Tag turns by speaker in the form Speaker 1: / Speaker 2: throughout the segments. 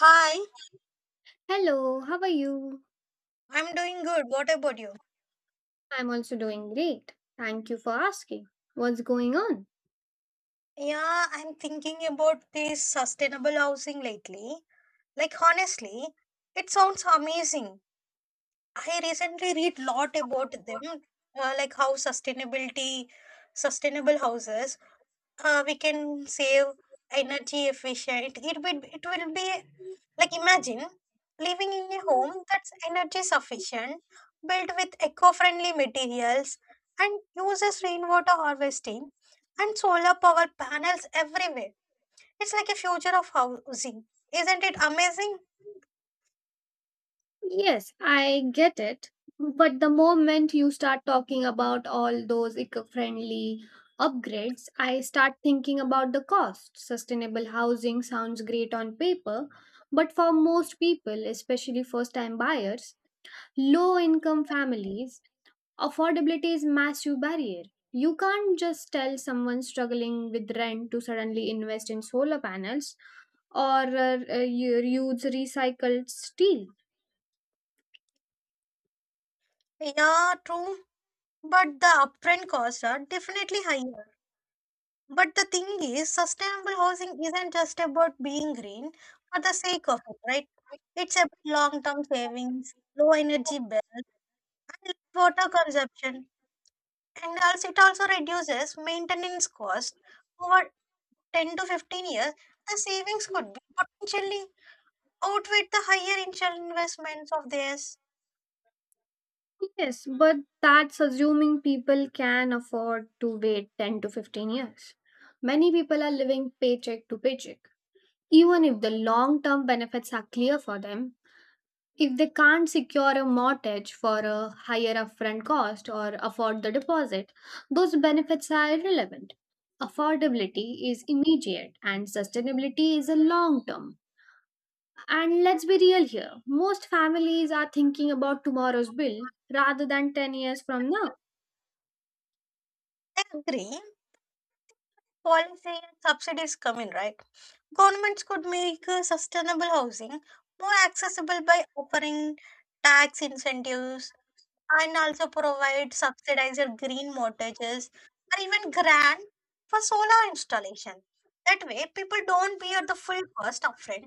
Speaker 1: Hi.
Speaker 2: Hello, how are you?
Speaker 1: I'm doing good. What about you?
Speaker 2: I'm also doing great. Thank you for asking. What's going on?
Speaker 1: Yeah, I'm thinking about this sustainable housing lately. Like, honestly, it sounds amazing. I recently read lot about them, like how sustainable houses we can save energy efficient it will be. Like, imagine living in a home that's energy sufficient, built with eco-friendly materials and uses rainwater harvesting and solar power panels everywhere. It's like a future of housing. Isn't it amazing?
Speaker 2: Yes, I get it. But the moment you start talking about all those eco friendly upgrades, I start thinking about the cost. Sustainable housing sounds great on paper, but for most people, especially first time buyers, low income families, affordability is massive barrier. You can't just tell someone struggling with rent to suddenly invest in solar panels or use recycled steel.
Speaker 1: Yeah, true. But the upfront costs are definitely higher. But the thing is, sustainable housing isn't just about being green for the sake of it, right? It's about long term savings, low energy bills, and water consumption. And also, it also reduces maintenance costs over 10 to 15 years. The savings could be potentially outweigh the higher initial investments of this.
Speaker 2: Yes, but that's assuming people can afford to wait 10 to 15 years. Many people are living paycheck to paycheck. Even if the long term benefits are clear for them, if they can't secure a mortgage for a higher upfront cost or afford the deposit, those benefits are irrelevant. Affordability is immediate and sustainability is a long term. And let's be real here, most families are thinking about tomorrow's bill rather than 10 years from now.
Speaker 1: As green policy and subsidies come in, right? Governments could make sustainable housing more accessible by offering tax incentives and also provide subsidized green mortgages or even grant for solar installation. That way, people don't bear the full cost upfront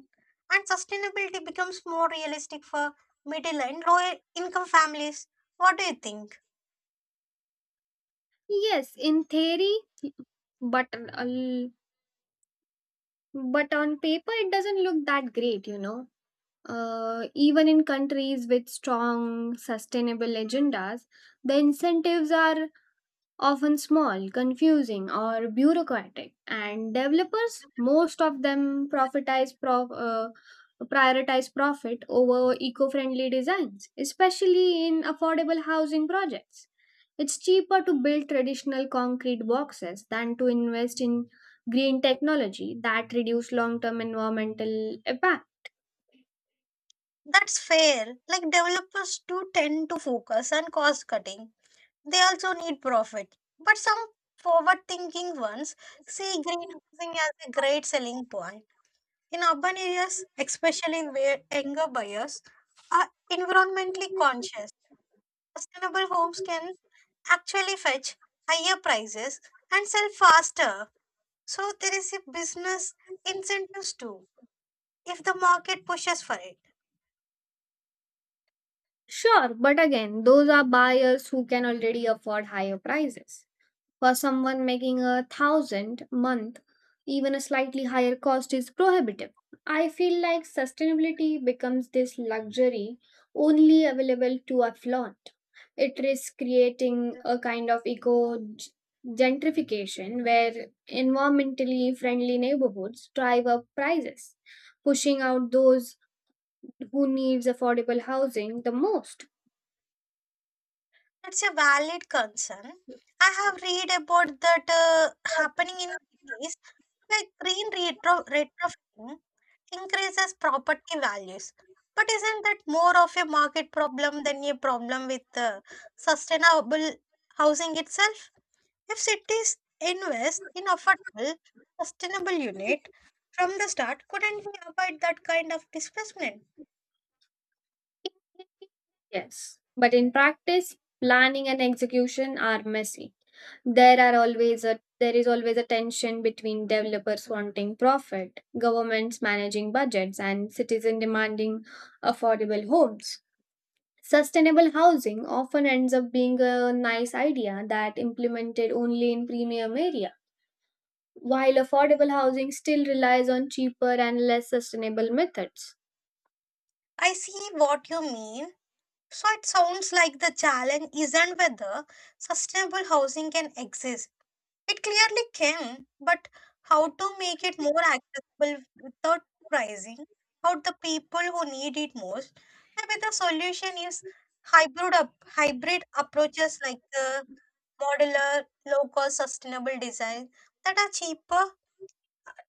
Speaker 1: and sustainability becomes more realistic for middle and low income families. What do you think?
Speaker 2: Yes, in theory, but uh, but on paper it doesn't look that great, Even in countries with strong sustainable agendas, the incentives are often small, confusing, or bureaucratic, and developers, most of them, prioritize profit over eco friendly designs, especially in affordable housing projects. It's cheaper to build traditional concrete boxes than to invest in green technology that reduce long term environmental impact.
Speaker 1: That's fair. Like, developers do tend to focus on cost cutting. They also need profit. But some forward thinking ones see greenhousing as a great selling point. In urban areas, especially where younger buyers are environmentally conscious, sustainable homes can actually fetch higher prices and sell faster. So there is a business incentives too if the market pushes for it.
Speaker 2: Sure, but again, those are buyers who can already afford higher prices. For someone making a thousand month, even a slightly higher cost is prohibitive. I feel like sustainability becomes this luxury only available to a flaunt. It risks creating a kind of gentrification where environmentally friendly neighborhoods drive up prices, pushing out those who needs affordable housing the most.
Speaker 1: It's a valid concern. I have read about that happening in cities, like green retrofitting increases property values. But isn't that more of a market problem than a problem with sustainable housing itself? If cities invest in affordable, sustainable unit from the start, couldn't we avoid that kind of displacement?
Speaker 2: Yes, but in practice, planning and execution are messy. There is always a tension between developers wanting profit, governments managing budgets, and citizens demanding affordable homes. Sustainable housing often ends up being a nice idea that implemented only in premium area, while affordable housing still relies on cheaper and less sustainable methods.
Speaker 1: I see what you mean. So it sounds like the challenge isn't whether sustainable housing can exist. It clearly can, but how to make it more accessible without pricing out the people who need it most? Maybe the solution is hybrid approaches like the modular, low cost, sustainable design that are cheaper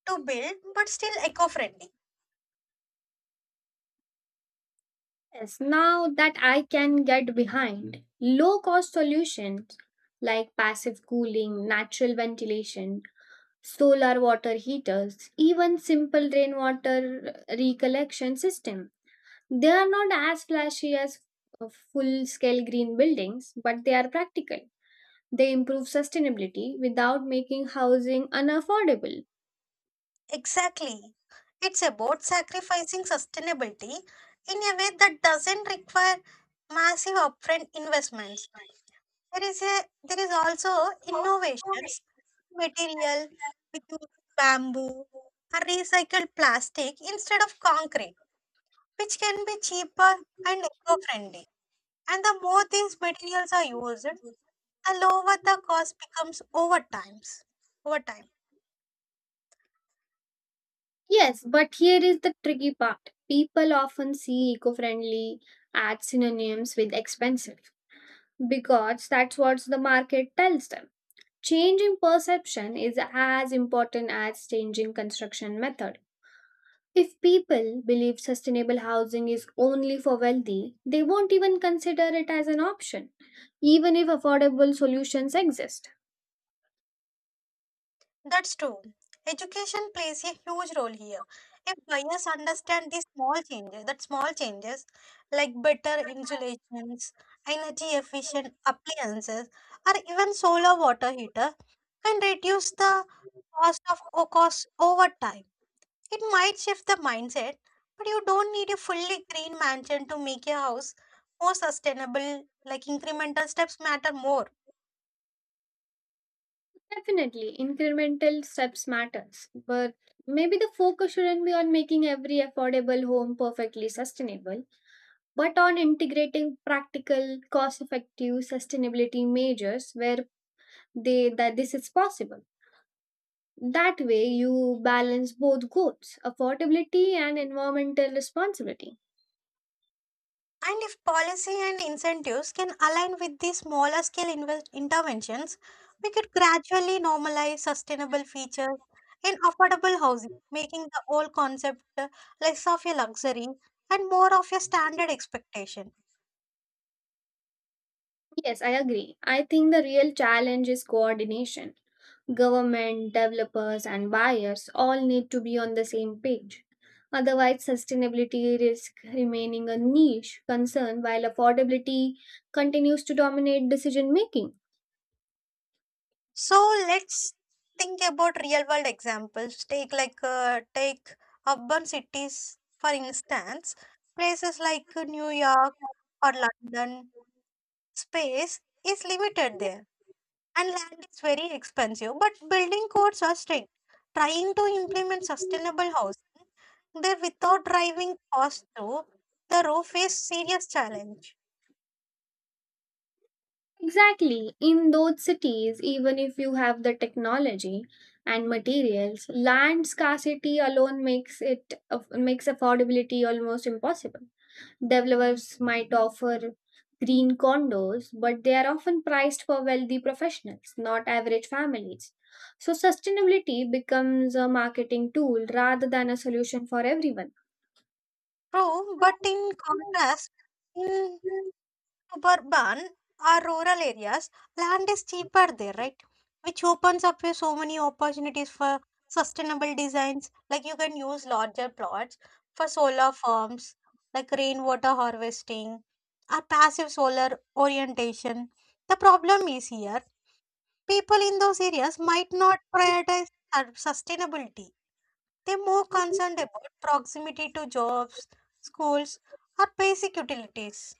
Speaker 1: to build but still eco friendly.
Speaker 2: Yes, now that I can get behind low cost solutions like passive cooling, natural ventilation, solar water heaters, even simple rainwater recollection system. They are not as flashy as full scale green buildings, but they are practical. They improve sustainability without making housing unaffordable.
Speaker 1: Exactly. It's about sacrificing sustainability in a way that doesn't require massive upfront investments. There is also innovations, material which bamboo or recycled plastic instead of concrete, which can be cheaper and eco-friendly. And the more these materials are used, the lower the cost becomes over time.
Speaker 2: Yes, but here is the tricky part. People often see eco friendly as synonyms with expensive because that's what the market tells them. Changing perception is as important as changing construction method. If people believe sustainable housing is only for wealthy, they won't even consider it as an option, even if affordable solutions exist.
Speaker 1: That's true. Education plays a huge role here. If buyers understand these small changes, that small changes like better insulations, energy efficient appliances, or even solar water heater can reduce the cost over time. It might shift the mindset, but you don't need a fully green mansion to make your house more sustainable. Like, incremental steps matter more.
Speaker 2: Definitely, incremental steps matters, but maybe the focus shouldn't be on making every affordable home perfectly sustainable, but on integrating practical, cost effective sustainability measures where they that this is possible. That way you balance both goals, affordability and environmental responsibility.
Speaker 1: And if policy and incentives can align with these smaller scale invest interventions, we could gradually normalize sustainable features in affordable housing, making the whole concept less of a luxury and more of a standard expectation.
Speaker 2: Yes, I agree. I think the real challenge is coordination. Government, developers and buyers all need to be on the same page. Otherwise, sustainability risks remaining a niche concern while affordability continues to dominate decision making.
Speaker 1: So let's think about real world examples. Take urban cities for instance, places like New York or London. Space is limited there and land is very expensive. But building codes are strict. Trying to implement sustainable housing there without driving costs through the roof is serious challenge.
Speaker 2: Exactly. In those cities, even if you have the technology and materials, land scarcity alone makes makes affordability almost impossible. Developers might offer green condos, but they are often priced for wealthy professionals, not average families. So sustainability becomes a marketing tool rather than a solution for everyone.
Speaker 1: True, but in contrast, in suburban or rural areas, land is cheaper there, right? Which opens up with so many opportunities for sustainable designs. Like, you can use larger plots for solar farms, like rainwater harvesting or passive solar orientation. The problem is here, people in those areas might not prioritize sustainability. They're more concerned about proximity to jobs, schools, or basic utilities.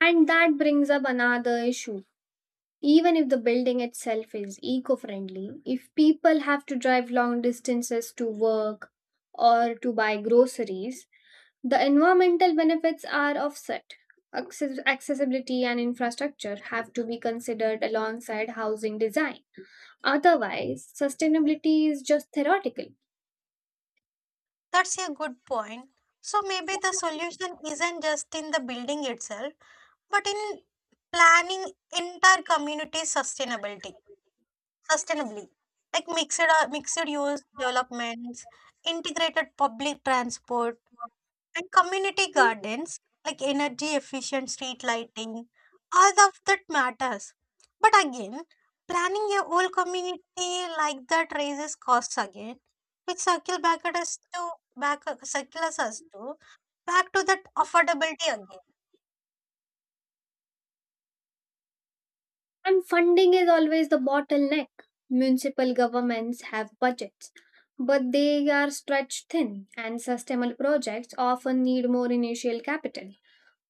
Speaker 2: And that brings up another issue. Even if the building itself is eco friendly, if people have to drive long distances to work or to buy groceries, the environmental benefits are offset. Accessibility and infrastructure have to be considered alongside housing design. Otherwise, sustainability is just theoretical.
Speaker 1: That's a good point. So maybe the solution isn't just in the building itself, but in planning entire community sustainably, like mixed use developments, integrated public transport. And community gardens, like energy efficient street lighting, all of that matters. But again, planning a whole community like that raises costs again, which back circles us to back to that affordability again.
Speaker 2: And funding is always the bottleneck. Municipal governments have budgets, but they are stretched thin, and sustainable projects often need more initial capital.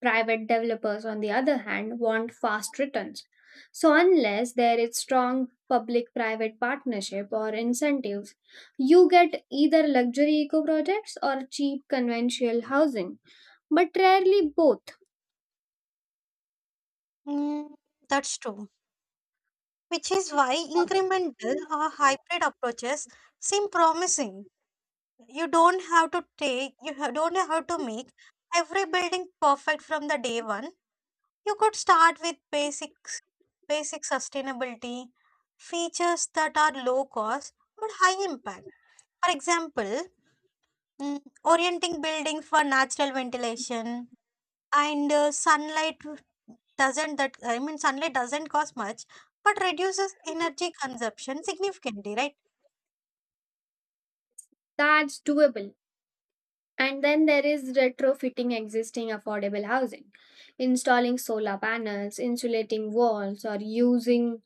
Speaker 2: Private developers, on the other hand, want fast returns. So, unless there is strong public private partnership or incentives, you get either luxury eco projects or cheap conventional housing, but rarely both.
Speaker 1: Mm, that's true. Which is why incremental or hybrid approaches seem promising. You don't have to make every building perfect from the day one. You could start with basic sustainability features that are low cost but high impact. For example, orienting building for natural ventilation and sunlight doesn't that I mean sunlight doesn't cost much but reduces energy consumption significantly, right?
Speaker 2: That's doable. And then there is retrofitting existing affordable housing, installing solar panels, insulating walls, or using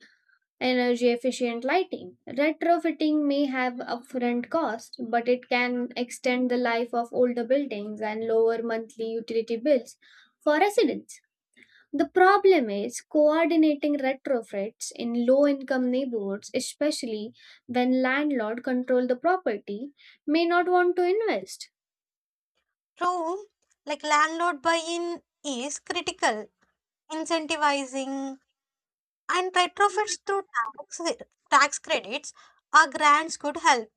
Speaker 2: energy efficient lighting. Retrofitting may have upfront cost, but it can extend the life of older buildings and lower monthly utility bills for residents. The problem is coordinating retrofits in low income neighborhoods, especially when landlord control the property, may not want to invest.
Speaker 1: True, like landlord buy-in is critical. Incentivizing and retrofits through tax credits or grants could help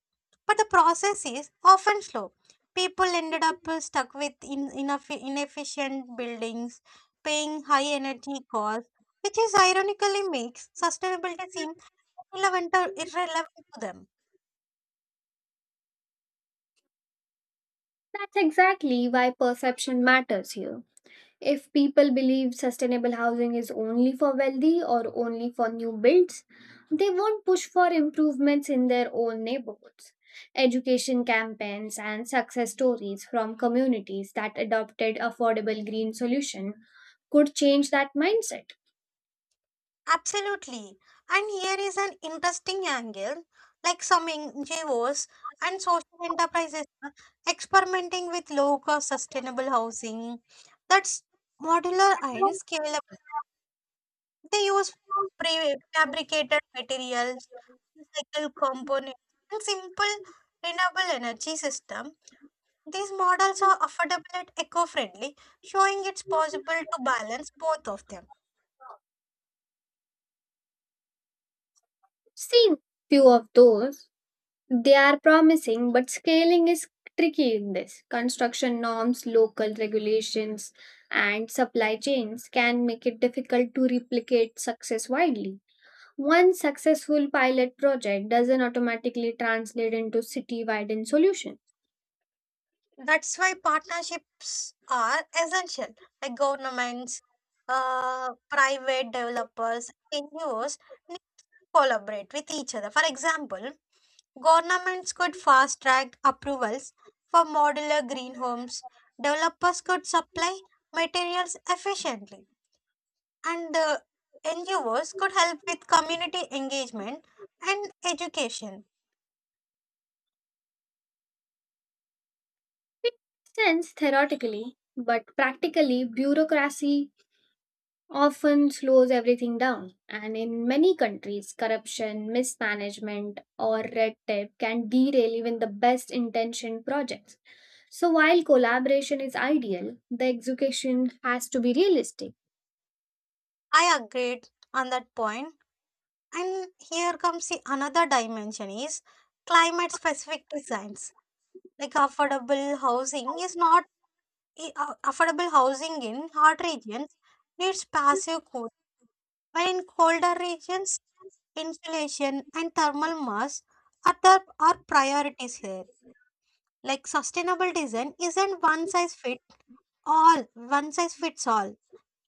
Speaker 1: but the process is often slow. People ended up stuck with inefficient buildings, paying high energy costs, which is ironically makes sustainability seem irrelevant to them.
Speaker 2: That's exactly why perception matters here. If people believe sustainable housing is only for wealthy or only for new builds, they won't push for improvements in their own neighborhoods. Education campaigns and success stories from communities that adopted affordable green solution could change that mindset.
Speaker 1: Absolutely. And here is an interesting angle like some NGOs and social enterprises are experimenting with low cost sustainable housing that's modular and scalable. They use prefabricated materials, recycled components, and simple renewable energy system. These models are affordable and eco-friendly, showing it's possible to balance both of them.
Speaker 2: Seen few of those. They are promising, but scaling is tricky in this. Construction norms, local regulations, and supply chains can make it difficult to replicate success widely. One successful pilot project doesn't automatically translate into city-wide solution.
Speaker 1: That's why partnerships are essential, like governments, private developers, NGOs need to collaborate with each other. For example, governments could fast track approvals for modular green homes. Developers could supply materials efficiently. And the NGOs could help with community engagement and education.
Speaker 2: It makes sense theoretically, but practically, bureaucracy often slows everything down. And in many countries, corruption, mismanagement, or red tape can derail even the best intentioned projects. So, while collaboration is ideal, the execution has to be realistic.
Speaker 1: I agreed on that point. And here comes the another dimension is climate specific designs. Like, affordable housing is not I- affordable housing in hot regions needs passive cooling. While in colder regions insulation and thermal mass are priorities here. Like, sustainable design isn't one size fits all,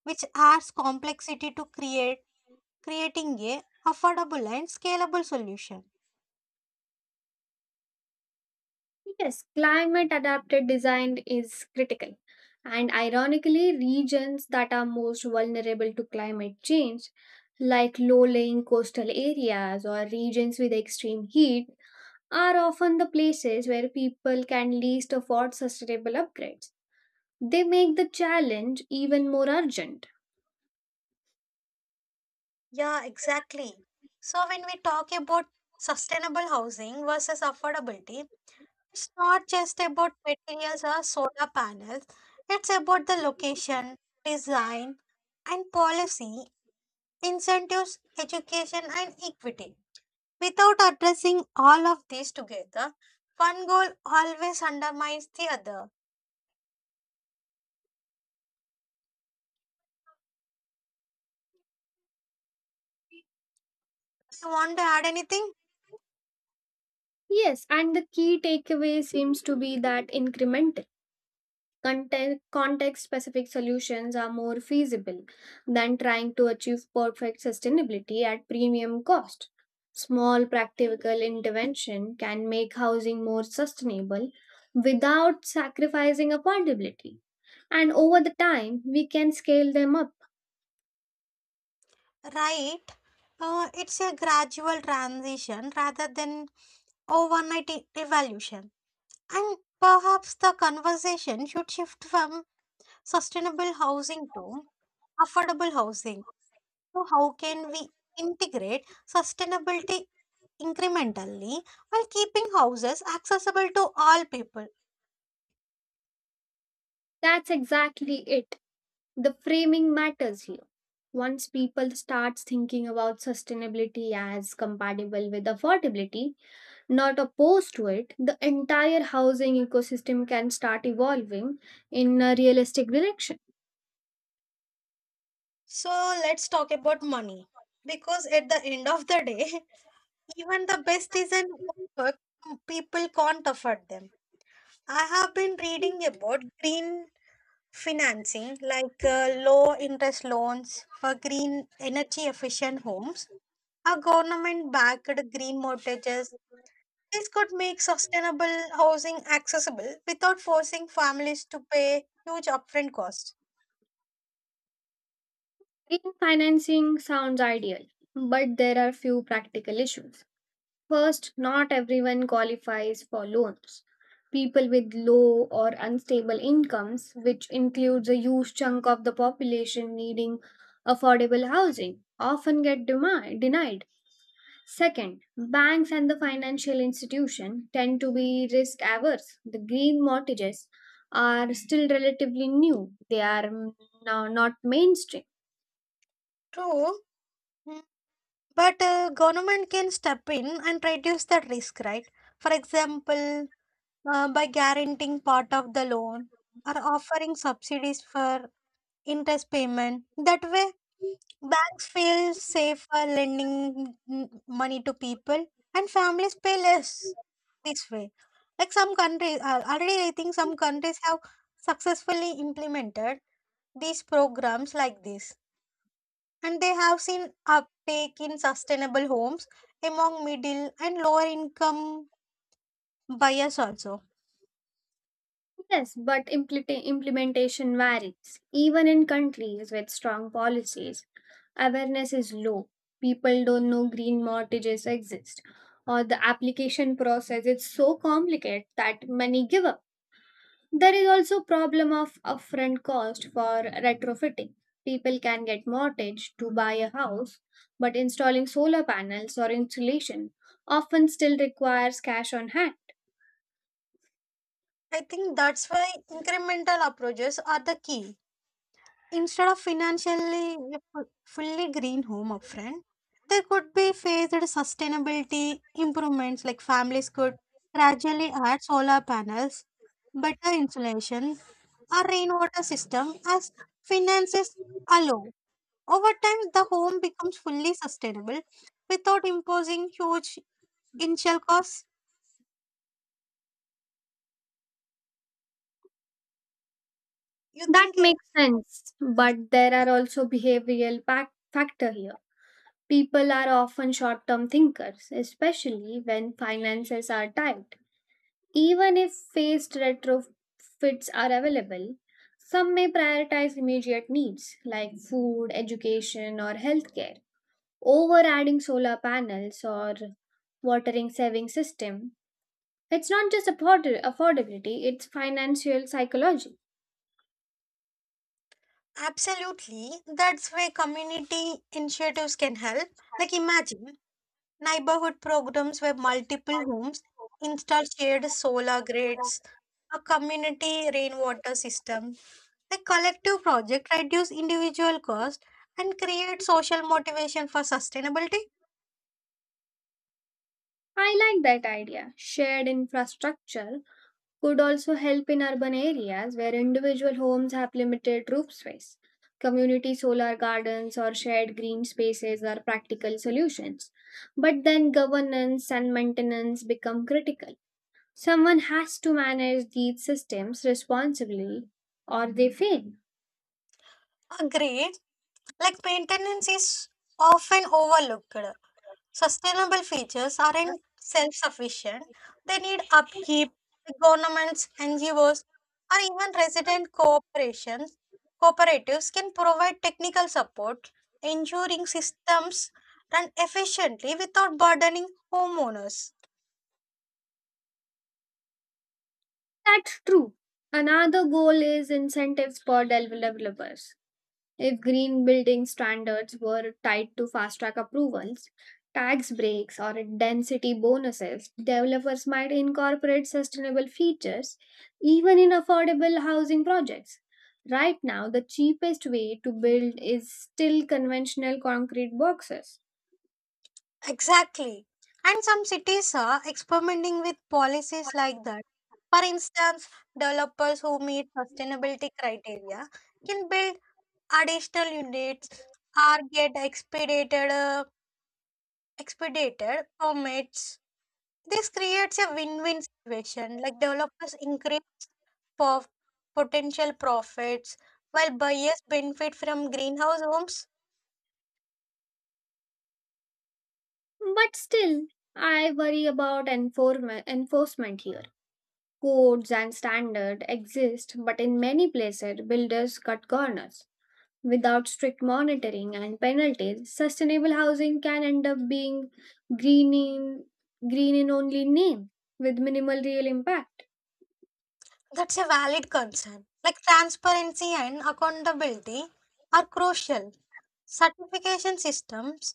Speaker 1: which adds complexity to create creating a affordable and scalable solution.
Speaker 2: Yes, climate adapted design is critical. And ironically, regions that are most vulnerable to climate change, like low lying coastal areas or regions with extreme heat, are often the places where people can least afford sustainable upgrades. They make the challenge even more urgent.
Speaker 1: Yeah, exactly. So when we talk about sustainable housing versus affordability, it's not just about materials or solar panels. It's about the location, design, and policy incentives, education, and equity. Without addressing all of these together, one goal always undermines the other. You want to add anything?
Speaker 2: Yes, and the key takeaway seems to be that incremental, context specific solutions are more feasible than trying to achieve perfect sustainability at premium cost. Small practical intervention can make housing more sustainable without sacrificing affordability, and over the time, we can scale them up.
Speaker 1: Right. It's a gradual transition rather than overnight revolution. And perhaps the conversation should shift from sustainable housing to affordable housing. So how can we integrate sustainability incrementally while keeping houses accessible to all people?
Speaker 2: That's exactly it. The framing matters here. Once people start thinking about sustainability as compatible with affordability, not opposed to it, the entire housing ecosystem can start evolving in a realistic direction.
Speaker 1: So let's talk about money because at the end of the day, even the best design work, people can't afford them. I have been reading about green financing like low interest loans for green energy efficient homes, a government backed green mortgages. This could make sustainable housing accessible without forcing families to pay huge upfront costs.
Speaker 2: Green financing sounds ideal, but there are few practical issues. First, not everyone qualifies for loans. People with low or unstable incomes, which includes a huge chunk of the population needing affordable housing, often get denied. Second, banks and the financial institution tend to be risk averse. The green mortgages are still relatively new. They are now not mainstream.
Speaker 1: True, mm, but government can step in and reduce that risk, right? For example, by guaranteeing part of the loan or offering subsidies for interest payment. That way, banks feel safer lending money to people and families pay less. This way. Like some countries, already I think some countries have successfully implemented these programs like this, and they have seen uptake in sustainable homes among middle and lower income buyers also.
Speaker 2: Yes, but implementation varies. Even in countries with strong policies, awareness is low. People don't know green mortgages exist, or the application process is so complicated that many give up. There is also problem of upfront cost for retrofitting. People can get mortgage to buy a house, but installing solar panels or insulation often still requires cash on hand.
Speaker 1: I think that's why incremental approaches are the key. Instead of financially fully green home upfront, there could be phased sustainability improvements like families could gradually add solar panels better insulation, a rainwater system as finances allow. Over time, the home becomes fully sustainable without imposing huge initial costs. You
Speaker 2: That
Speaker 1: think, eh?
Speaker 2: makes sense, but there are also factor here. People are often short-term thinkers, especially when finances are tight. Even if phased retrofits are available, some may prioritize immediate needs like food, education, or healthcare over adding solar panels or watering saving system. It's not just affordability, it's financial psychology.
Speaker 1: Absolutely, that's where community initiatives can help. Like, imagine neighborhood programs where multiple homes install shared solar grids, a community rainwater system. The collective project reduce individual cost and create social motivation for sustainability.
Speaker 2: I like that idea. Shared infrastructure could also help in urban areas where individual homes have limited roof space. Community solar gardens or shared green spaces are practical solutions. But then governance and maintenance become critical. Someone has to manage these systems responsibly or they fail.
Speaker 1: Agreed. Like, maintenance is often overlooked. Sustainable features aren't self sufficient, they need upkeep, the governments, NGOs, or even resident cooperations. Cooperatives can provide technical support, ensuring systems run efficiently without burdening homeowners.
Speaker 2: That's true. Another goal is incentives for developers. If green building standards were tied to fast track approvals, tax breaks, or density bonuses, developers might incorporate sustainable features even in affordable housing projects. Right now, the cheapest way to build is still conventional concrete boxes.
Speaker 1: Exactly. And some cities are experimenting with policies like that. For instance, developers who meet sustainability criteria can build additional units are get expedited permits. This creates a win-win situation. Like, developers increase po- potential profits while buyers benefit from greenhouse homes.
Speaker 2: But still, I worry about enforcement here. Codes and standards exist, but in many places, builders cut corners. Without strict monitoring and penalties, sustainable housing can end up being green in, green in only name with minimal real impact.
Speaker 1: That's a valid concern. Like, transparency and accountability are crucial. Certification systems,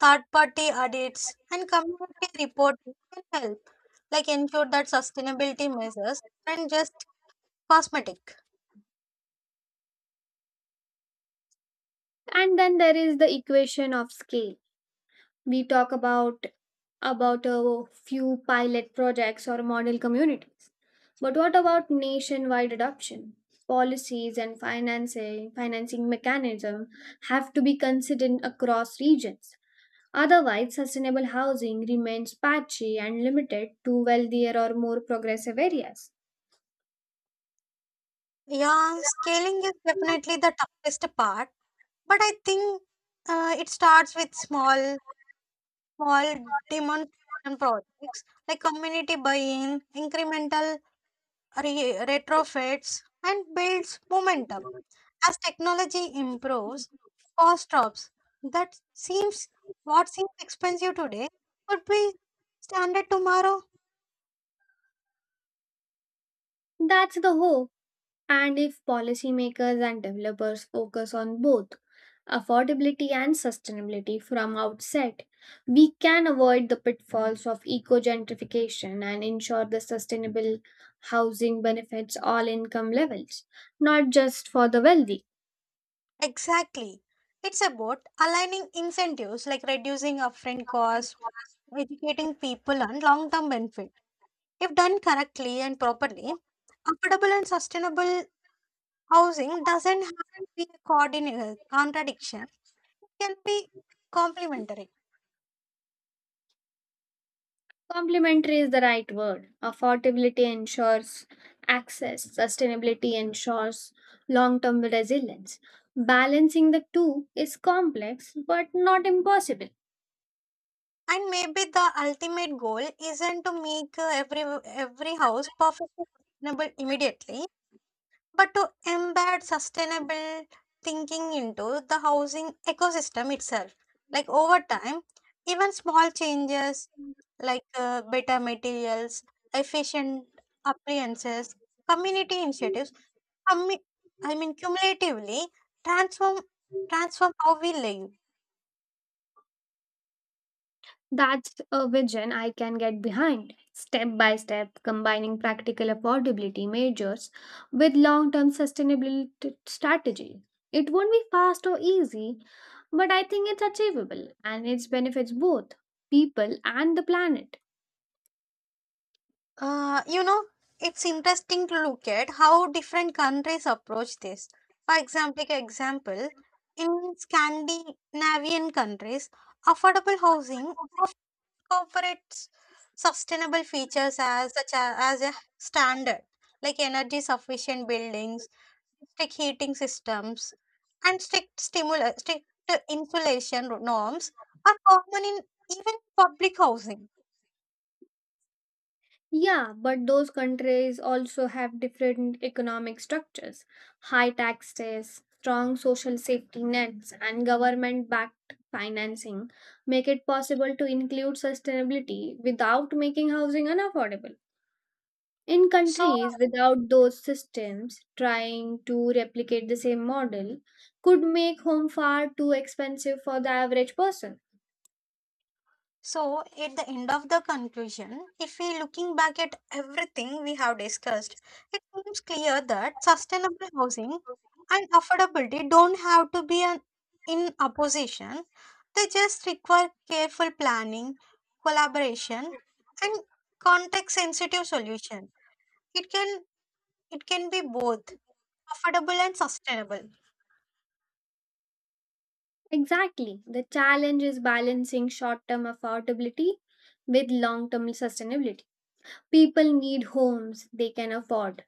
Speaker 1: third-party audits, and community reporting can help, like ensure that sustainability measures and just cosmetic.
Speaker 2: And then there is the equation of scale. We talk about a few pilot projects or model communities. But what about nationwide adoption? Policies and financing mechanism have to be considered across regions. Otherwise, sustainable housing remains patchy and limited to wealthier or more progressive areas.
Speaker 1: Yeah, scaling is definitely the toughest part, but I think it starts with small demonstration projects like community buy-in, incremental retrofits, and builds momentum. As technology improves, cost drops. That seems What seems expensive today could be standard tomorrow.
Speaker 2: That's the hope. And if policymakers and developers focus on both affordability and sustainability from outset, we can avoid the pitfalls of eco gentrification and ensure the sustainable housing benefits all income levels, not just for the wealthy.
Speaker 1: Exactly. It's about aligning incentives like reducing upfront costs educating people on long term benefit. If done correctly and properly, affordable and sustainable housing doesn't have to be a coordinate contradiction, it can be complementary.
Speaker 2: Complementary is the right word. Affordability ensures access, sustainability ensures long term resilience. Balancing the two is complex but not impossible.
Speaker 1: And maybe the ultimate goal isn't to make every house perfectly sustainable immediately, but to embed sustainable thinking into the housing ecosystem itself. Like, over time, even small changes like better materials, efficient appliances, community initiatives, commu- I mean, cumulatively transform transform how we live.
Speaker 2: That's a vision I can get behind. Step by step, combining practical affordability measures with long term sustainability strategy. It won't be fast or easy, but I think it's achievable and it benefits both people and the planet.
Speaker 1: Uh, you know, it's interesting to look at how different countries approach this. For example, in Scandinavian countries, affordable housing incorporates sustainable features as a standard, like energy sufficient buildings, strict heating systems, and strict insulation norms are common in even public housing.
Speaker 2: Yeah, but those countries also have different economic structures, high taxes, strong social safety nets, and government backed financing make it possible to include sustainability without making housing unaffordable. In
Speaker 1: So
Speaker 2: countries without those systems, trying to replicate the same model could make home far too expensive for the average person.
Speaker 1: So, at the end of the conclusion, if we looking back at everything we have discussed, it seems clear that sustainable housing and affordability don't have to be in opposition. They just require careful planning, collaboration, and context sensitive solution. It can it can be both affordable and sustainable.
Speaker 2: Exactly. The challenge is balancing short term affordability with long term sustainability. People need homes they can afford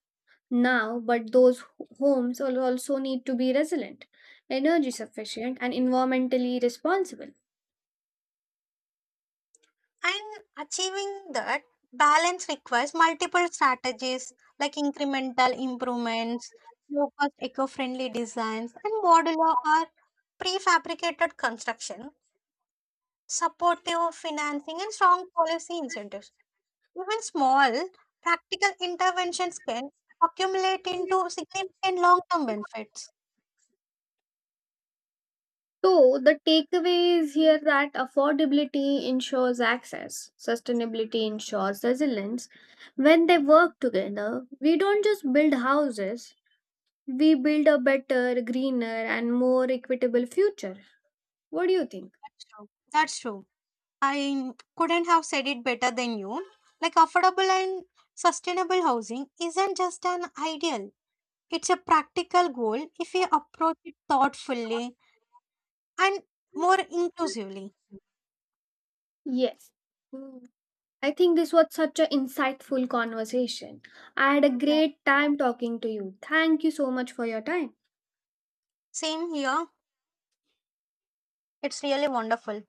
Speaker 2: now, but those homes also need to be resilient, energy sufficient, and environmentally responsible.
Speaker 1: And achieving that balance requires multiple strategies like incremental improvements, low cost eco friendly designs, and modular or prefabricated construction, supportive financing, and strong policy incentives. Even small practical interventions can accumulate into significant long term benefits.
Speaker 2: So, the takeaway is here that affordability ensures access, sustainability ensures resilience. When they work together, we don't just build houses, we build a better, greener, and more equitable future. What do you think?
Speaker 1: That's true. That's true. I couldn't have said it better than you. Like, affordable and sustainable housing isn't just an ideal, it's a practical goal if we approach it thoughtfully and more inclusively.
Speaker 2: Yes. Hmm. I think this was such an insightful conversation. I had a
Speaker 1: Yeah.
Speaker 2: great time talking to you. Thank you so much for your time.
Speaker 1: Same here. It's really wonderful.